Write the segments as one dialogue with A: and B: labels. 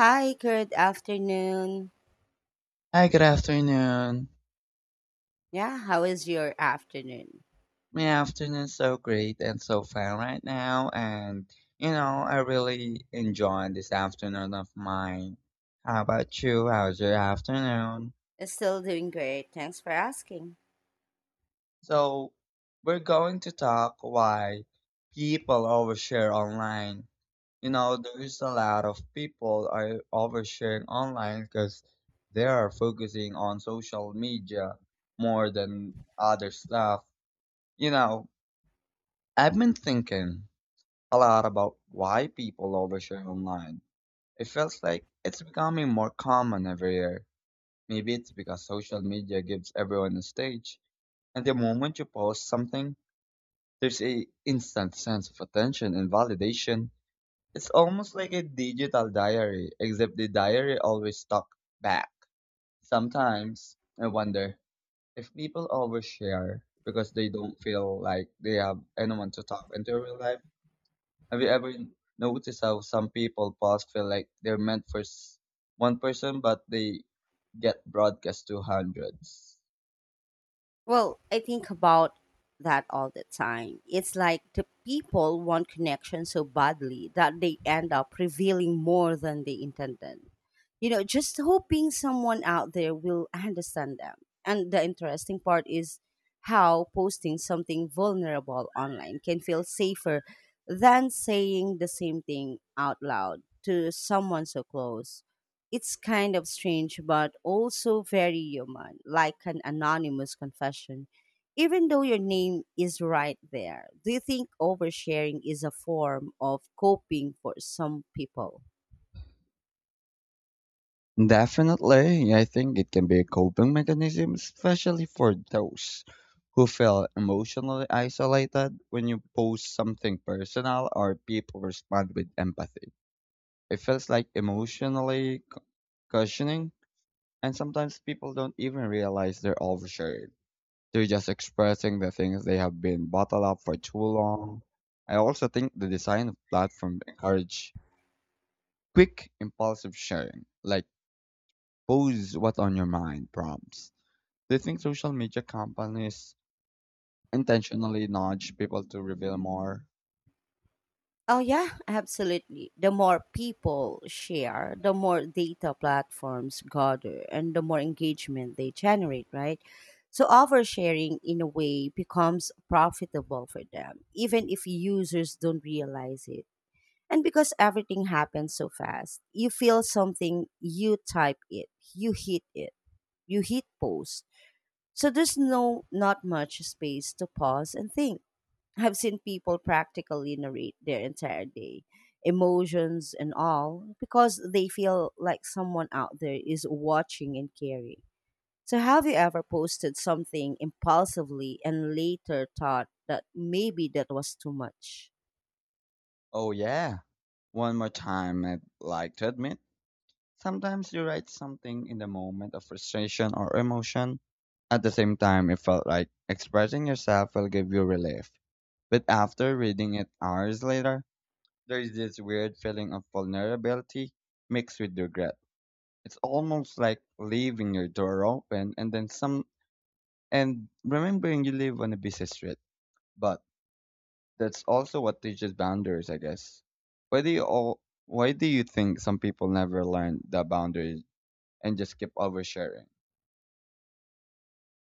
A: Hi, good afternoon.
B: Hi, good afternoon.
A: Yeah, how is your afternoon?
B: My afternoon's so great and so fun right now, and I really enjoyed this afternoon of mine. How about you? How's your afternoon?
A: It's still doing great. Thanks for asking.
B: So, we're going to talk why people overshare online. You know, there's a lot of people are oversharing online because they are focusing on social media more than other stuff. You know, I've been thinking a lot about why people overshare online. It feels like it's becoming more common every year. Maybe it's because social media gives everyone a stage, and the moment you post something, there's a instant sense of attention and validation. It's almost like a digital diary, except the diary always stuck back. Sometimes I wonder if people overshare because they don't feel like they have anyone to talk into real life. Have you ever noticed how some people pause feel like they're meant for one person, but they get broadcast to hundreds?
A: Well, I think about that all the time. It's like the people want connection so badly that they end up revealing more than they intended. You know, just hoping someone out there will understand them. And the interesting part is how posting something vulnerable online can feel safer than saying the same thing out loud to someone so close. It's kind of strange, but also very human, like an anonymous confession, even though your name is right there. Do you think oversharing is a form of coping for some people?
B: Definitely, yeah, I think it can be a coping mechanism, especially for those who feel emotionally isolated when you post something personal or people respond with empathy. It feels like cushioning, and sometimes people don't even realize they're oversharing. They're just expressing the things they have been bottled up for too long. I also think the design of platforms encourage quick, impulsive sharing, like pose what's on your mind prompts. Do you think social media companies intentionally nudge people to reveal more?
A: Oh, yeah, absolutely. The more people share, the more data platforms gather, and the more engagement they generate, right? So, oversharing in a way becomes profitable for them, even if users don't realize it. And because everything happens so fast, you feel something, you type it, you hit it, you hit post. So there's not much space to pause and think. I've seen people practically narrate their entire day, emotions and all, because they feel like someone out there is watching and caring. So, have you ever posted something impulsively and later thought that maybe that was too much?
B: Oh yeah. One more time, I'd like to admit, sometimes you write something in the moment of frustration or emotion. At the same time, it felt like expressing yourself will give you relief. But after reading it hours later, there is this weird feeling of vulnerability mixed with regret. It's almost like leaving your door open and then some and remembering you live on a busy street. But that's also what teaches boundaries, I guess. Why do you think some people never learn the boundaries and just keep oversharing?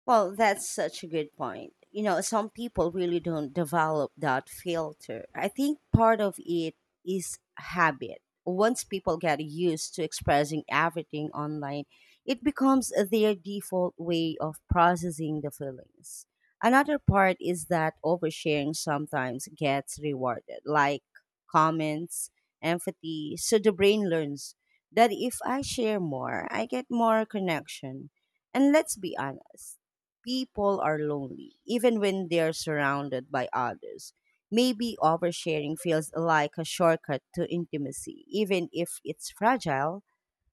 A: Well, that's such a good point. You know, some people really don't develop that filter. I think part of it is habit. Once people get used to expressing everything online, it becomes their default way of processing the feelings. Another part is that oversharing sometimes gets rewarded, like comments, empathy. So the brain learns that if I share more, I get more connection. And let's be honest people are lonely, even when they're surrounded by others. Maybe oversharing feels like a shortcut to intimacy, even if it's fragile.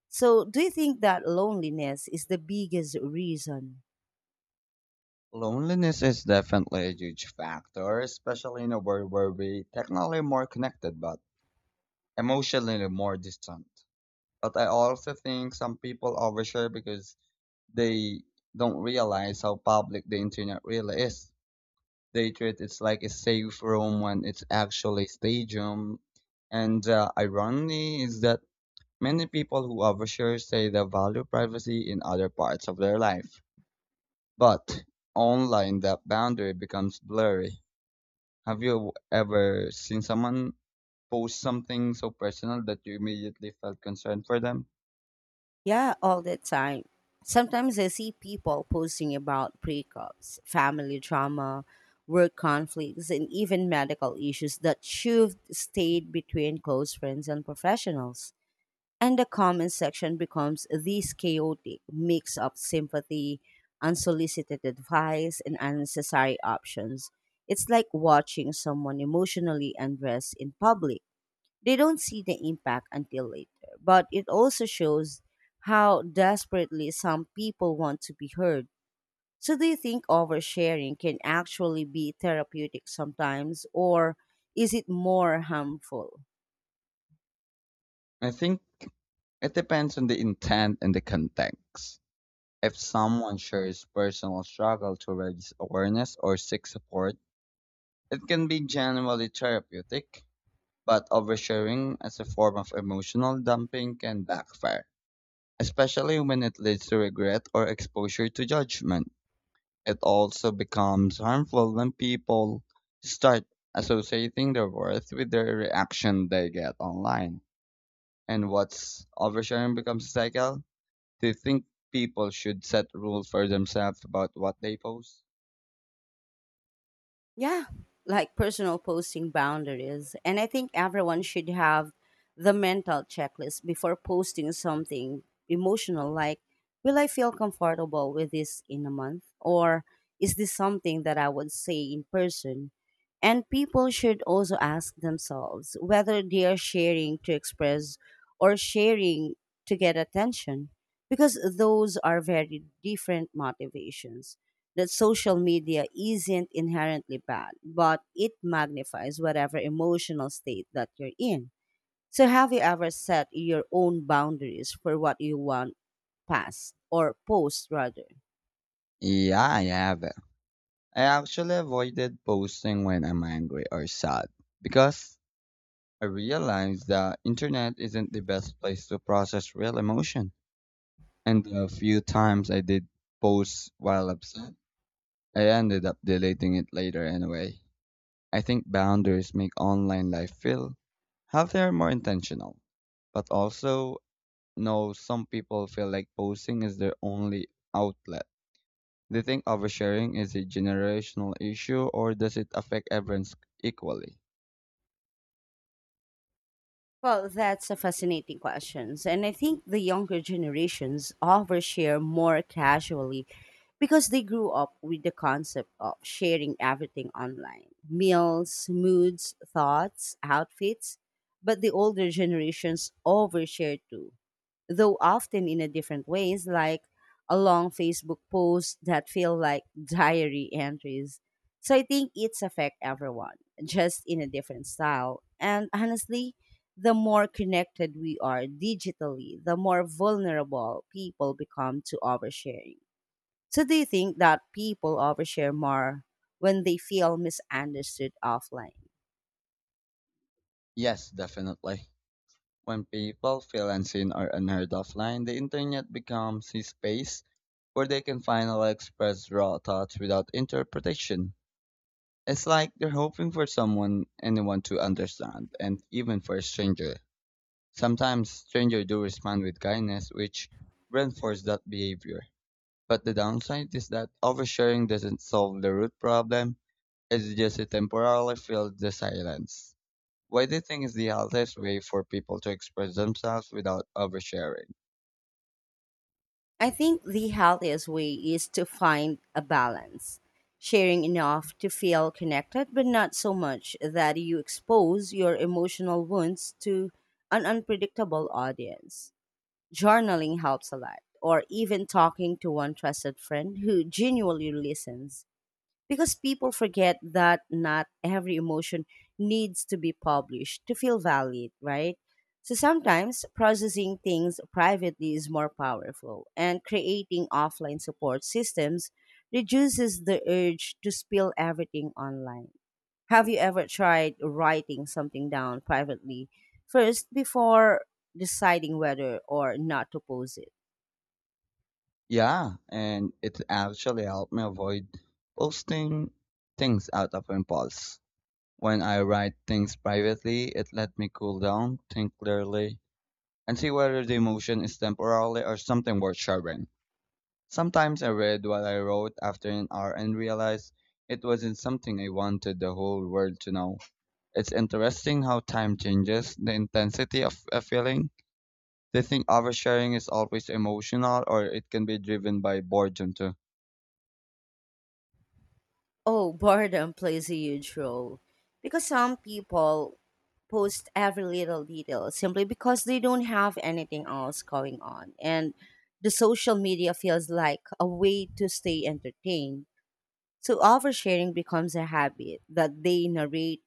A: So, do you think that loneliness is the biggest reason?
B: Loneliness is definitely a huge factor, especially in a world where we technically more connected but emotionally more distant. But I also think some people overshare because they don't realize how public the internet really is. They treat it like a safe room when it's actually a stadium. And the irony is that many people who overshare say they value privacy in other parts of their life. But online, that boundary becomes blurry. Have you ever seen someone post something so personal that you immediately felt concerned for them?
A: Yeah, all the time. Sometimes I see people posting about breakups, family drama, work conflicts, and even medical issues that should stayed between close friends and professionals. And the comment section becomes this chaotic mix of sympathy, unsolicited advice, and unnecessary options. It's like watching someone emotionally undress in public. They don't see the impact until later, but it also shows how desperately some people want to be heard. So, do you think oversharing can actually be therapeutic sometimes, or is it more harmful?
B: I think it depends on the intent and the context. If someone shares personal struggle to raise awareness or seek support, it can be generally therapeutic, but oversharing as a form of emotional dumping can backfire, especially when it leads to regret or exposure to judgment. It also becomes harmful when people start associating their worth with the reaction they get online. And what's oversharing becomes a cycle. Do you think people should set rules for themselves about what they post?
A: Yeah, like personal posting boundaries. And I think everyone should have the mental checklist before posting something emotional like, will I feel comfortable with this in a month? Or is this something that I would say in person? And people should also ask themselves whether they are sharing to express or sharing to get attention, because those are very different motivations that social media isn't inherently bad, but it magnifies whatever emotional state that you're in. So, have you ever set your own boundaries for what you want past or post rather?
B: Yeah, I have. I actually avoided posting when I'm angry or sad because I realized the internet isn't the best place to process real emotion. And the few times I did post while upset, I ended up deleting it later anyway. I think boundaries make online life feel healthier, more intentional. But also, no, some people feel like posting is their only outlet. They think oversharing is a generational issue or does it affect everyone equally?
A: Well, that's a fascinating question. And I think the younger generations overshare more casually because they grew up with the concept of sharing everything online meals, moods, thoughts, outfits. But the older generations overshare too though often in a different ways, like a long Facebook post that feel like diary entries. So I think it's affect everyone, just in a different style. And honestly, the more connected we are digitally, the more vulnerable people become to oversharing. So do you think that people overshare more when they feel misunderstood offline?
B: Yes, definitely. When people feel unseen or unheard offline, the internet becomes a space where they can finally express raw thoughts without interpretation. It's like they're hoping for someone, anyone to understand, and even for a stranger. Sometimes strangers do respond with kindness, which reinforce that behavior. But the downside is that oversharing doesn't solve the root problem, it just it temporarily fills the silence. What do you think is the healthiest way for people to express themselves without oversharing?
A: I think the healthiest way is to find a balance, sharing enough to feel connected, but not so much that you expose your emotional wounds to an unpredictable audience. Journaling helps a lot, or even talking to one trusted friend who genuinely listens because people forget that not every emotion needs to be published to feel valid, right? So sometimes processing things privately is more powerful, and creating offline support systems reduces the urge to spill everything online. Have you ever tried writing something down privately first before deciding whether or not to post it?
B: Yeah, and it actually helped me avoid posting things out of impulse. When I write things privately, it let me cool down, think clearly, and see whether the emotion is temporarily or something worth sharing. Sometimes I read what I wrote after an hour and realized it wasn't something I wanted the whole world to know. It's interesting how time changes the intensity of a feeling. They think oversharing is always emotional or it can be driven by boredom too.
A: Oh, boredom plays a huge role because some people post every little detail simply because they don't have anything else going on. And the social media feels like a way to stay entertained. So oversharing becomes a habit that they narrate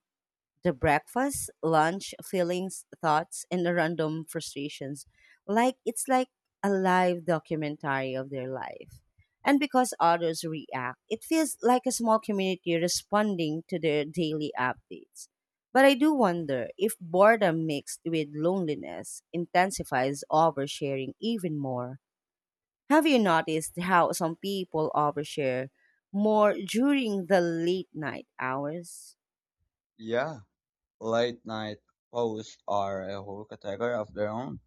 A: the breakfast, lunch, feelings, thoughts, and the random frustrations. It's like a live documentary of their life. And because others react, it feels like a small community responding to their daily updates. But I do wonder if boredom mixed with loneliness intensifies oversharing even more. Have you noticed how some people overshare more during the late night hours?
B: Yeah, late night posts are a whole category of their own.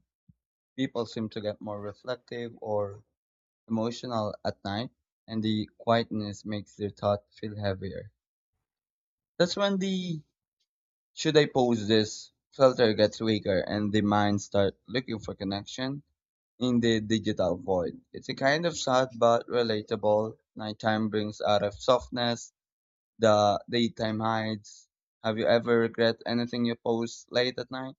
B: People seem to get more reflective or emotional at night, and the quietness makes their thought feel heavier. That's when the Should I post this, Filter gets weaker and the mind start looking for connection in the digital void. It's a kind of sad but relatable. Nighttime brings out of softness, the daytime hides. Have you ever regret anything you post late at night?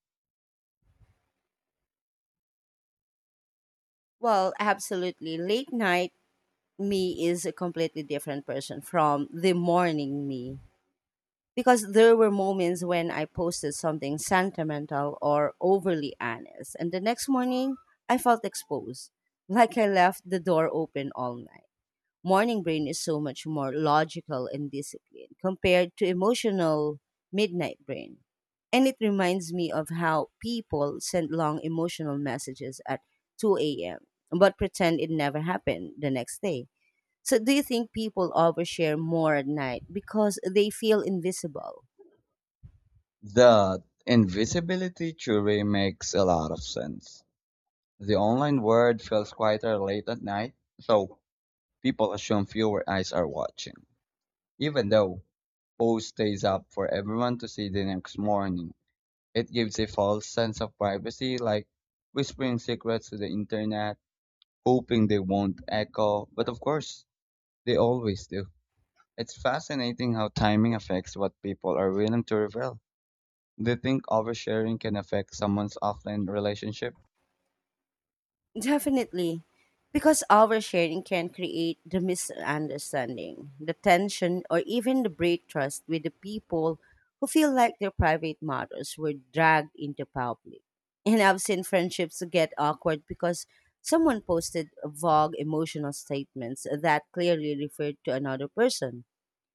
A: Well, absolutely. Late night me is a completely different person from the morning me. Because there were moments when I posted something sentimental or overly honest, and the next morning I felt exposed, like I left the door open all night. Morning brain is so much more logical and disciplined compared to emotional midnight brain. And it reminds me of how people send long emotional messages at 2 a.m. but pretend it never happened the next day. So, do you think people overshare more at night because they feel invisible?
B: The invisibility theory makes a lot of sense. The online world feels quieter late at night, so people assume fewer eyes are watching. Even though Bo stays up for everyone to see the next morning, it gives a false sense of privacy, like whispering secrets to the internet, hoping they won't echo. But of course, they always do. It's fascinating how timing affects what people are willing to reveal. Do you think oversharing can affect someone's offline relationship?
A: Definitely. Because oversharing can create the misunderstanding, the tension, or even the break trust with the people who feel like their private matters were dragged into public. And I've seen friendships get awkward because someone posted vague emotional statements that clearly referred to another person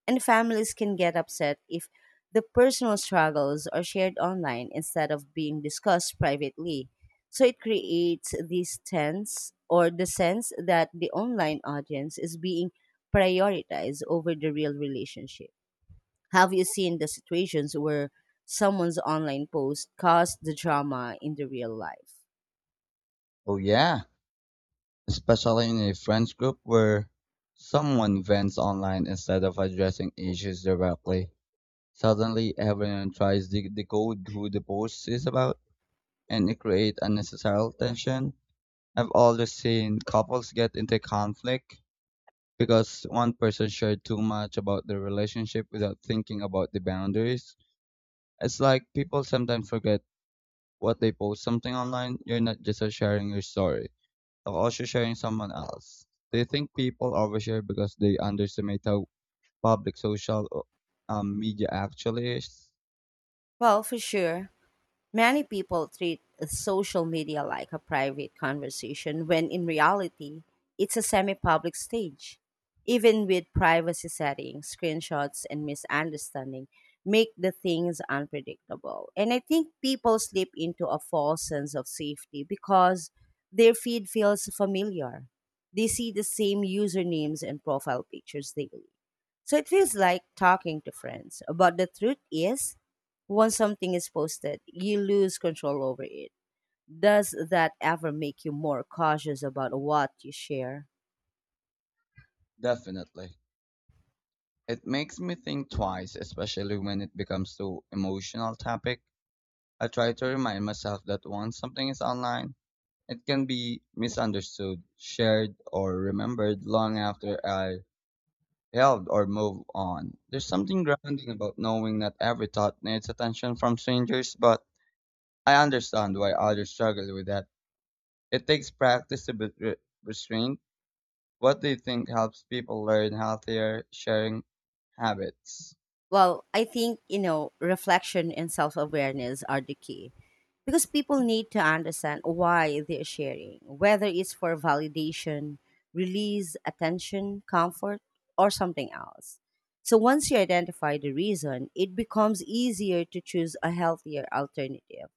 A: and families can get upset if the personal struggles are shared online instead of being discussed privately. So it creates this tense or the sense that the online audience is being prioritized over the real relationship. Have you seen the situations where someone's online post caused the drama in the real life?
B: Oh, yeah, especially in a friends group where someone vents online instead of addressing issues directly. Suddenly everyone tries to decode who the post is about, and it creates unnecessary tension. I've always seen couples get into conflict because one person shared too much about their relationship without thinking about the boundaries. It's like people sometimes forget what they post something online. You're not just sharing your story, you're also sharing someone else. They think people overshare because they underestimate how public social media actually is.
A: Well, for sure. Many people treat social media like a private conversation when in reality, it's a semi public stage. Even with privacy settings, screenshots, and misunderstanding make the things unpredictable. And I think people slip into a false sense of safety because their feed feels familiar. They see the same usernames and profile pictures daily. So it feels like talking to friends. But the truth is, once something is posted, you lose control over it. Does that ever make you more cautious about what you share?
B: Definitely. It makes me think twice, especially when it becomes to emotional topic. I try to remind myself that once something is online, it can be misunderstood, shared, or remembered long after I held or moved on. There's something grounding about knowing that every thought needs attention from strangers, but I understand why others struggle with that. It takes practice to be restrained. What do you think helps people learn healthier sharing habits?
A: Well, I think, you know, reflection and self awareness are the key because people need to understand why they're sharing, whether it's for validation, release, attention, comfort, or something else. So once you identify the reason, it becomes easier to choose a healthier alternative.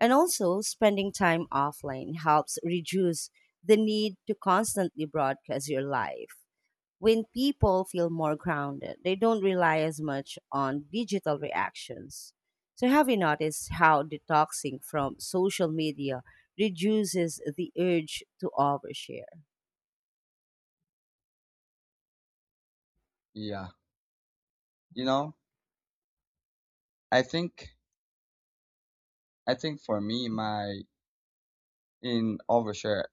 A: And also, spending time offline helps reduce the need to constantly broadcast your life. When people feel more grounded, they don't rely as much on digital reactions. So, have you noticed how detoxing from social media reduces the urge to overshare?
B: Yeah. You know? I think I think for me, my in overshare,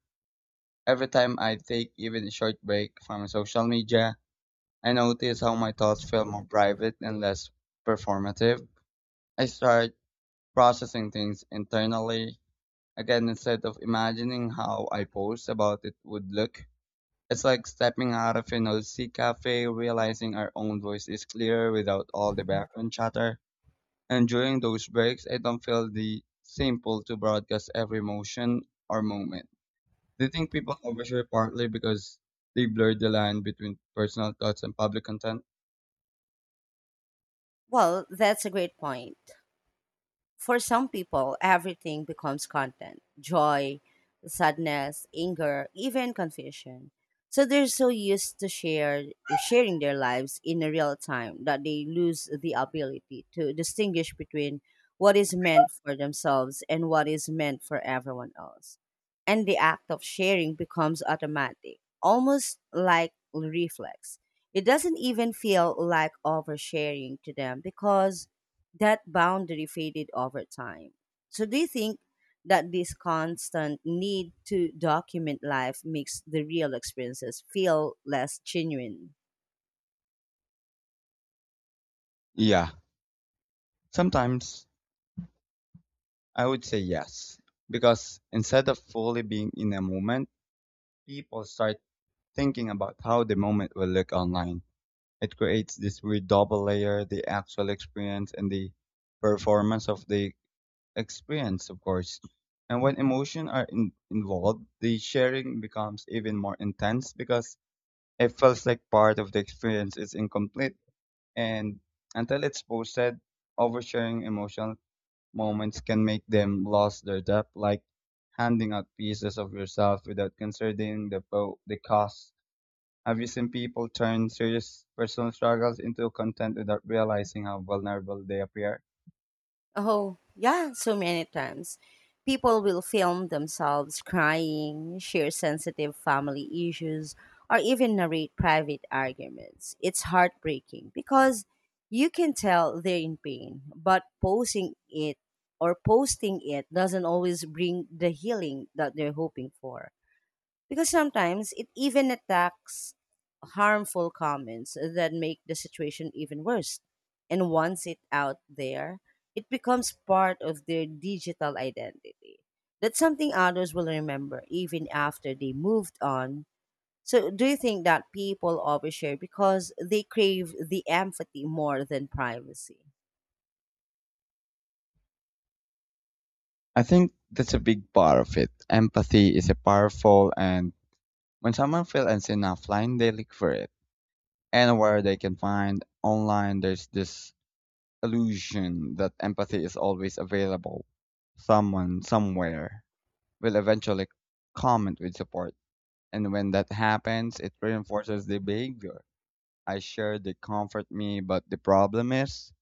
B: every time I take even a short break from social media, I notice how my thoughts feel more private and less performative. I start processing things internally. Again, instead of imagining how I post about it would look, it's like stepping out of an OC cafe, realizing our own voice is clearer without all the background chatter. And during those breaks, I don't feel the same pull to broadcast every motion or moment. Do you think people overshare partly because they blur the line between personal thoughts and public content?
A: Well, that's a great point. For some people, everything becomes content joy, sadness, anger, even confusion. So they're so used to sharing their lives in a real time that they lose the ability to distinguish between what is meant for themselves and what is meant for everyone else. And the act of sharing becomes automatic, almost like reflex. It doesn't even feel like oversharing to them because that boundary faded over time. So, do you think that this constant need to document life makes the real experiences feel less genuine?
B: Yeah. Sometimes I would say yes. Because instead of fully being in a moment, people start thinking about how the moment will look online. It creates this weird double layer, the actual experience and the performance of the experience, of course. And when involved, the sharing becomes even more intense because it feels like part of the experience is incomplete. And until it's posted, oversharing emotional moments can make them lose their depth, like handing out pieces of yourself without considering the the cost. Have you seen people turn serious personal struggles into content without realizing how vulnerable they appear?
A: Oh, yeah, so many times. People will film themselves crying, share sensitive family issues, or even narrate private arguments. It's heartbreaking because you can tell they're in pain, but posting it doesn't always bring the healing that they're hoping for. Because sometimes it even attacks harmful comments that make the situation even worse. And once it out there, it becomes part of their digital identity. That's something others will remember even after they moved on. So, do you think that people overshare because they crave the empathy more than privacy?
B: I think that's a big part of it. Empathy is a powerful, and when someone feels unseen offline, they look for it. Anywhere they can find online, there's this illusion that empathy is always available. Someone somewhere will eventually comment with support, and when that happens, it reinforces the behavior. I share they comfort me, but the problem is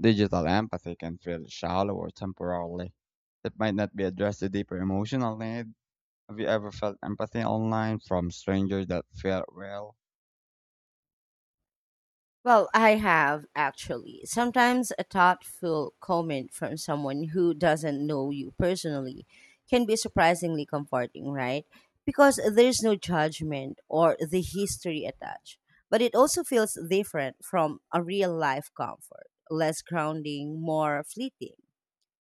B: digital empathy can feel shallow or temporarily. It might not be addressed the deeper emotional need. Have you ever felt empathy online from strangers that felt well?
A: Well, I have actually. Sometimes a thoughtful comment from someone who doesn't know you personally can be surprisingly comforting, right? Because there's no judgment or the history attached. But it also feels different from a real life comfort, less grounding, more fleeting.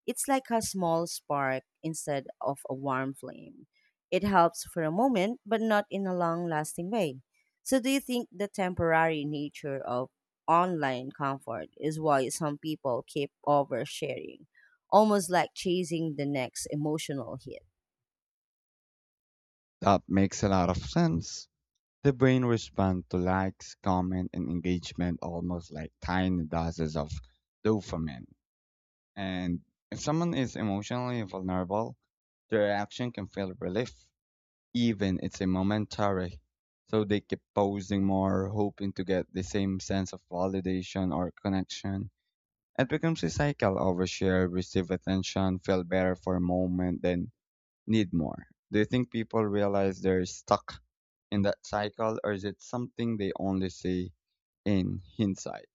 A: It's like a small spark instead of a warm flame. It helps for a moment, but not in a long lasting way. So, do you think the temporary nature of online comfort is why some people keep oversharing, almost like chasing the next emotional hit?
B: That makes a lot of sense. The brain responds to likes, comment, and engagement almost like tiny doses of dopamine. And if someone is emotionally vulnerable, their reaction can feel relief, even it's a momentary. So they keep posing more, hoping to get the same sense of validation or connection. It becomes a cycle: overshare, receive attention, feel better for a moment, then need more. Do you think people realize they're stuck in that cycle or is it something they only see in hindsight?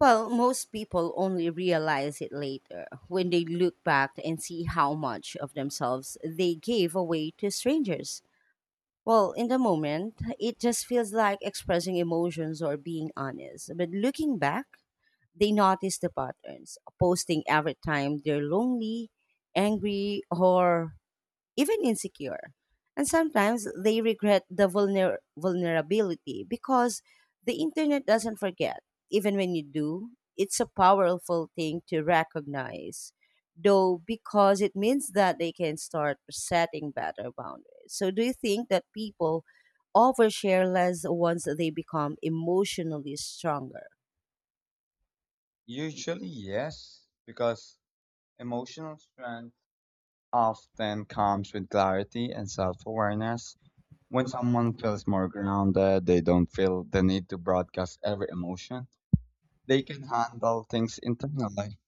A: Well, most people only realize it later when they look back and see how much of themselves they gave away to strangers. Well, in the moment, it just feels like expressing emotions or being honest. But looking back, they notice the patterns, posting every time they're lonely, angry, or even insecure. And sometimes they regret the vulnerability because the internet doesn't forget. Even when you do, it's a powerful thing to recognize, though, because it means that they can start setting better boundaries. So, do you think that people overshare less once they become emotionally stronger?
B: Usually, yes, because emotional strength often comes with clarity and self awareness. When someone feels more grounded, they don't feel the need to broadcast every emotion. They can handle things internally.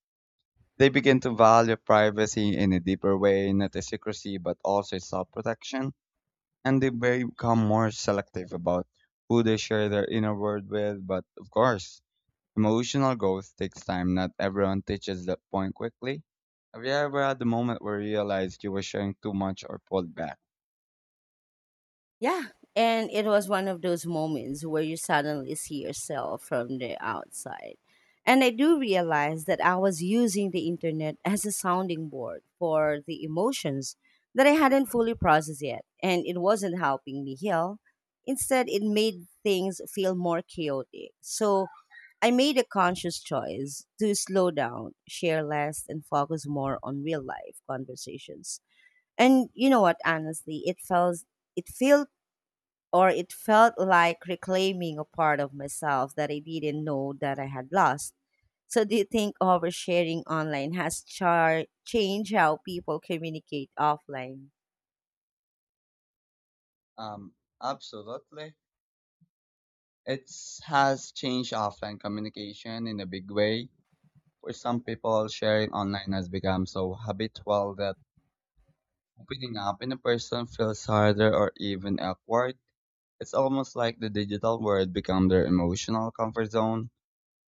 B: They begin to value privacy in a deeper way, not a secrecy, but also self protection and they become more selective about who they share their inner world with. But of course, emotional growth takes time. Not everyone teaches that point quickly. Have you ever had the moment where you realized you were sharing too much or pulled back?
A: Yeah. And it was one of those moments where you suddenly see yourself from the outside. And I do realize that I was using the internet as a sounding board for the emotions that I hadn't fully processed yet. And it wasn't helping me heal. Instead, it made things feel more chaotic. So I made a conscious choice to slow down, share less, and focus more on real life conversations. And you know what? Honestly, it felt it felt like reclaiming a part of myself that I didn't know that I had lost. So, do you think oversharing online has changed how people communicate offline?
B: Um, absolutely. It has changed offline communication in a big way. For some people, sharing online has become so habitual that opening up in a person feels harder or even awkward. It's almost like the digital world become their emotional comfort zone,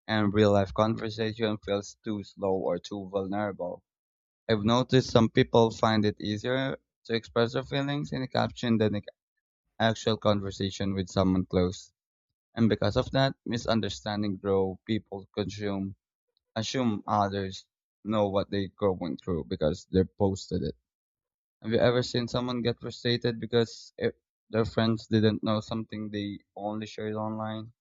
B: and real life conversation feels too slow or too vulnerable. I've noticed some people find it easier to express their feelings in a caption than an actual conversation with someone close. And because of that, misunderstanding grow, people consume, assume others know what they're going through because they posted it. Have you ever seen someone get frustrated because it, their friends didn't know something they only shared online?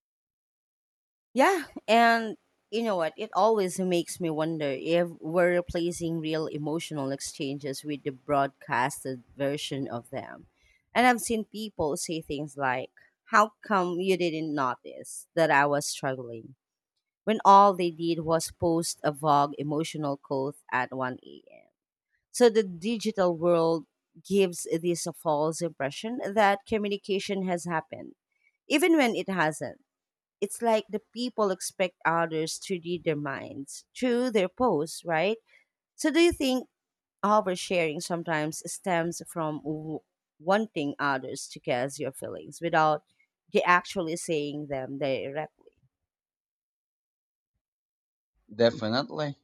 A: Yeah, and you know what? It always makes me wonder if we're replacing real emotional exchanges with the broadcasted version of them. And I've seen people say things like, "How come you didn't notice that I was struggling?" when all they did was post a vague emotional quote at 1 a.m. So the digital world gives this a false impression that communication has happened, even when it hasn't. It's like the people expect others to read their minds through their posts, right? So do you think oversharing sometimes stems from wanting others to guess your feelings without they actually saying them directly?
B: Definitely,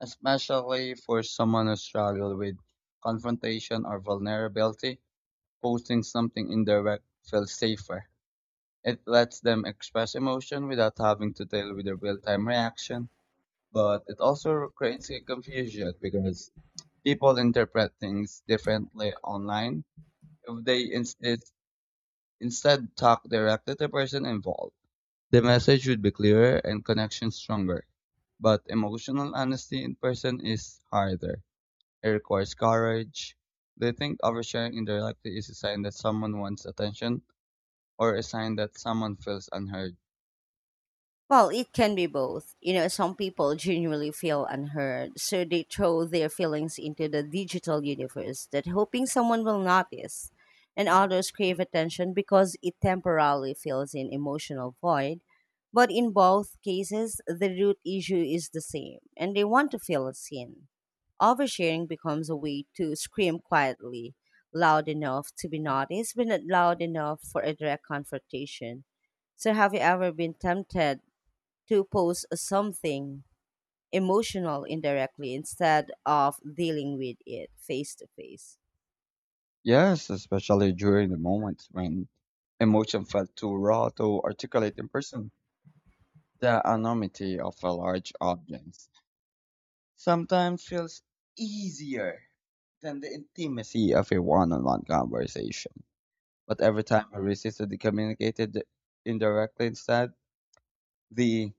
B: especially for someone who struggles with confrontation or vulnerability, posting something indirect feels safer. It lets them express emotion without having to deal with a real-time reaction, but it also creates a confusion because people interpret things differently online if they instead talk directly to the person involved. The message would be clearer and connection stronger. But emotional honesty in person is harder. It requires courage. Do you think oversharing indirectly is a sign that someone wants attention or a sign that someone feels unheard?
A: Well, it can be both. You know, some people genuinely feel unheard, so they throw their feelings into the digital universe that hoping someone will notice. And others crave attention because it temporarily fills an emotional void. But in both cases, the root issue is the same, and they want to feel seen. Oversharing becomes a way to scream quietly, loud enough to be noticed, but not loud enough for a direct confrontation. So, have you ever been tempted to post something emotional indirectly instead of dealing with it face to face?
B: Yes, especially during the moments when emotion felt too raw to articulate in person. The anonymity of a large audience sometimes feels easier than the intimacy of a one on one conversation. But every time I resisted and communicated indirectly instead, the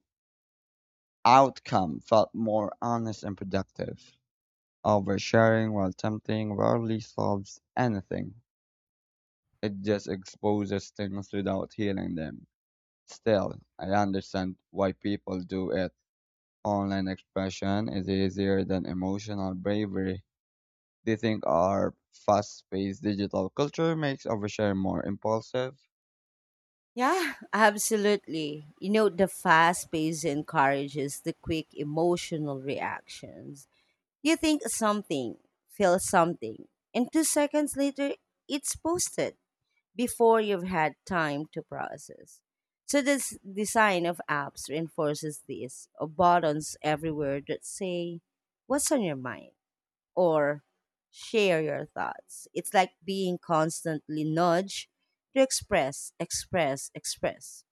B: outcome felt more honest and productive. Oversharing while tempting rarely solves anything. It just exposes things without healing them. Still, I understand why people do it. Online expression is easier than emotional bravery. Do you think our fast paced digital culture makes oversharing more impulsive?
A: Yeah, absolutely. You know, the fast pace encourages the quick emotional reactions. You think something, feel something, and 2 seconds later, it's posted before you've had time to process. So, this design of apps reinforces this buttons everywhere that say, "What's on your mind?" or "share your thoughts." It's like being constantly nudged to express, express, express.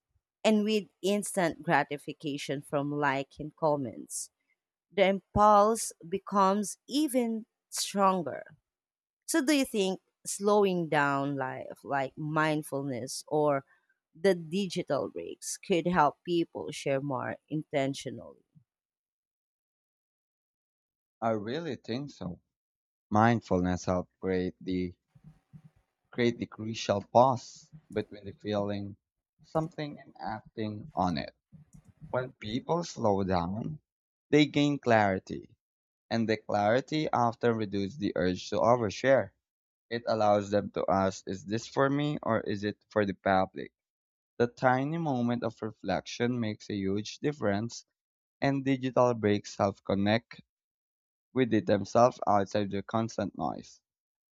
A: And with instant gratification from like and comments, the impulse becomes even stronger. So, do you think slowing down life, like mindfulness or the digital breaks, could help people share more intentionally?
B: I really think so. Mindfulness helps create the crucial pause between the feeling something and acting on it. When people slow down, they gain clarity, and the clarity often reduces the urge to overshare. It allows them to ask, is this for me or is it for the public? The tiny moment of reflection makes a huge difference, and digital breaks help connect with it themselves outside the constant noise.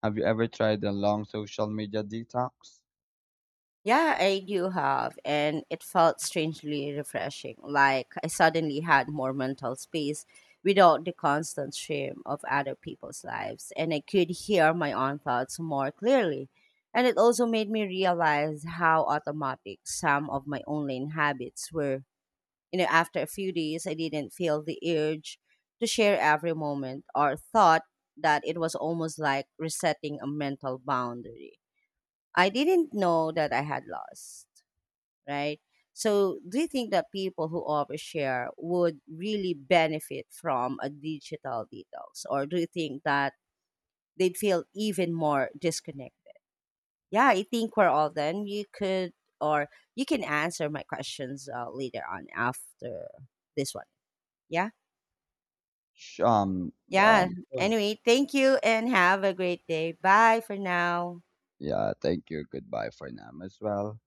B: Have you ever tried a long social media detox?
A: Yeah, I do have, and it felt strangely refreshing. Like I suddenly had more mental space without the constant stream of other people's lives, and I could hear my own thoughts more clearly. And it also made me realize how automatic some of my online habits were. You know, after a few days, I didn't feel the urge to share every moment or thought that it was almost like resetting a mental boundary I didn't know that I had lost, right? So, do you think that people who overshare would really benefit from a digital detox, or do you think that they'd feel even more disconnected? Yeah, I think we're all done. You could, or you can answer my questions later on after this one. Yeah,
B: Sh- Um,
A: yeah.
B: Sure.
A: Anyway, thank you and have a great day. Bye for now.
B: Yeah, thank you. Goodbye for now as well.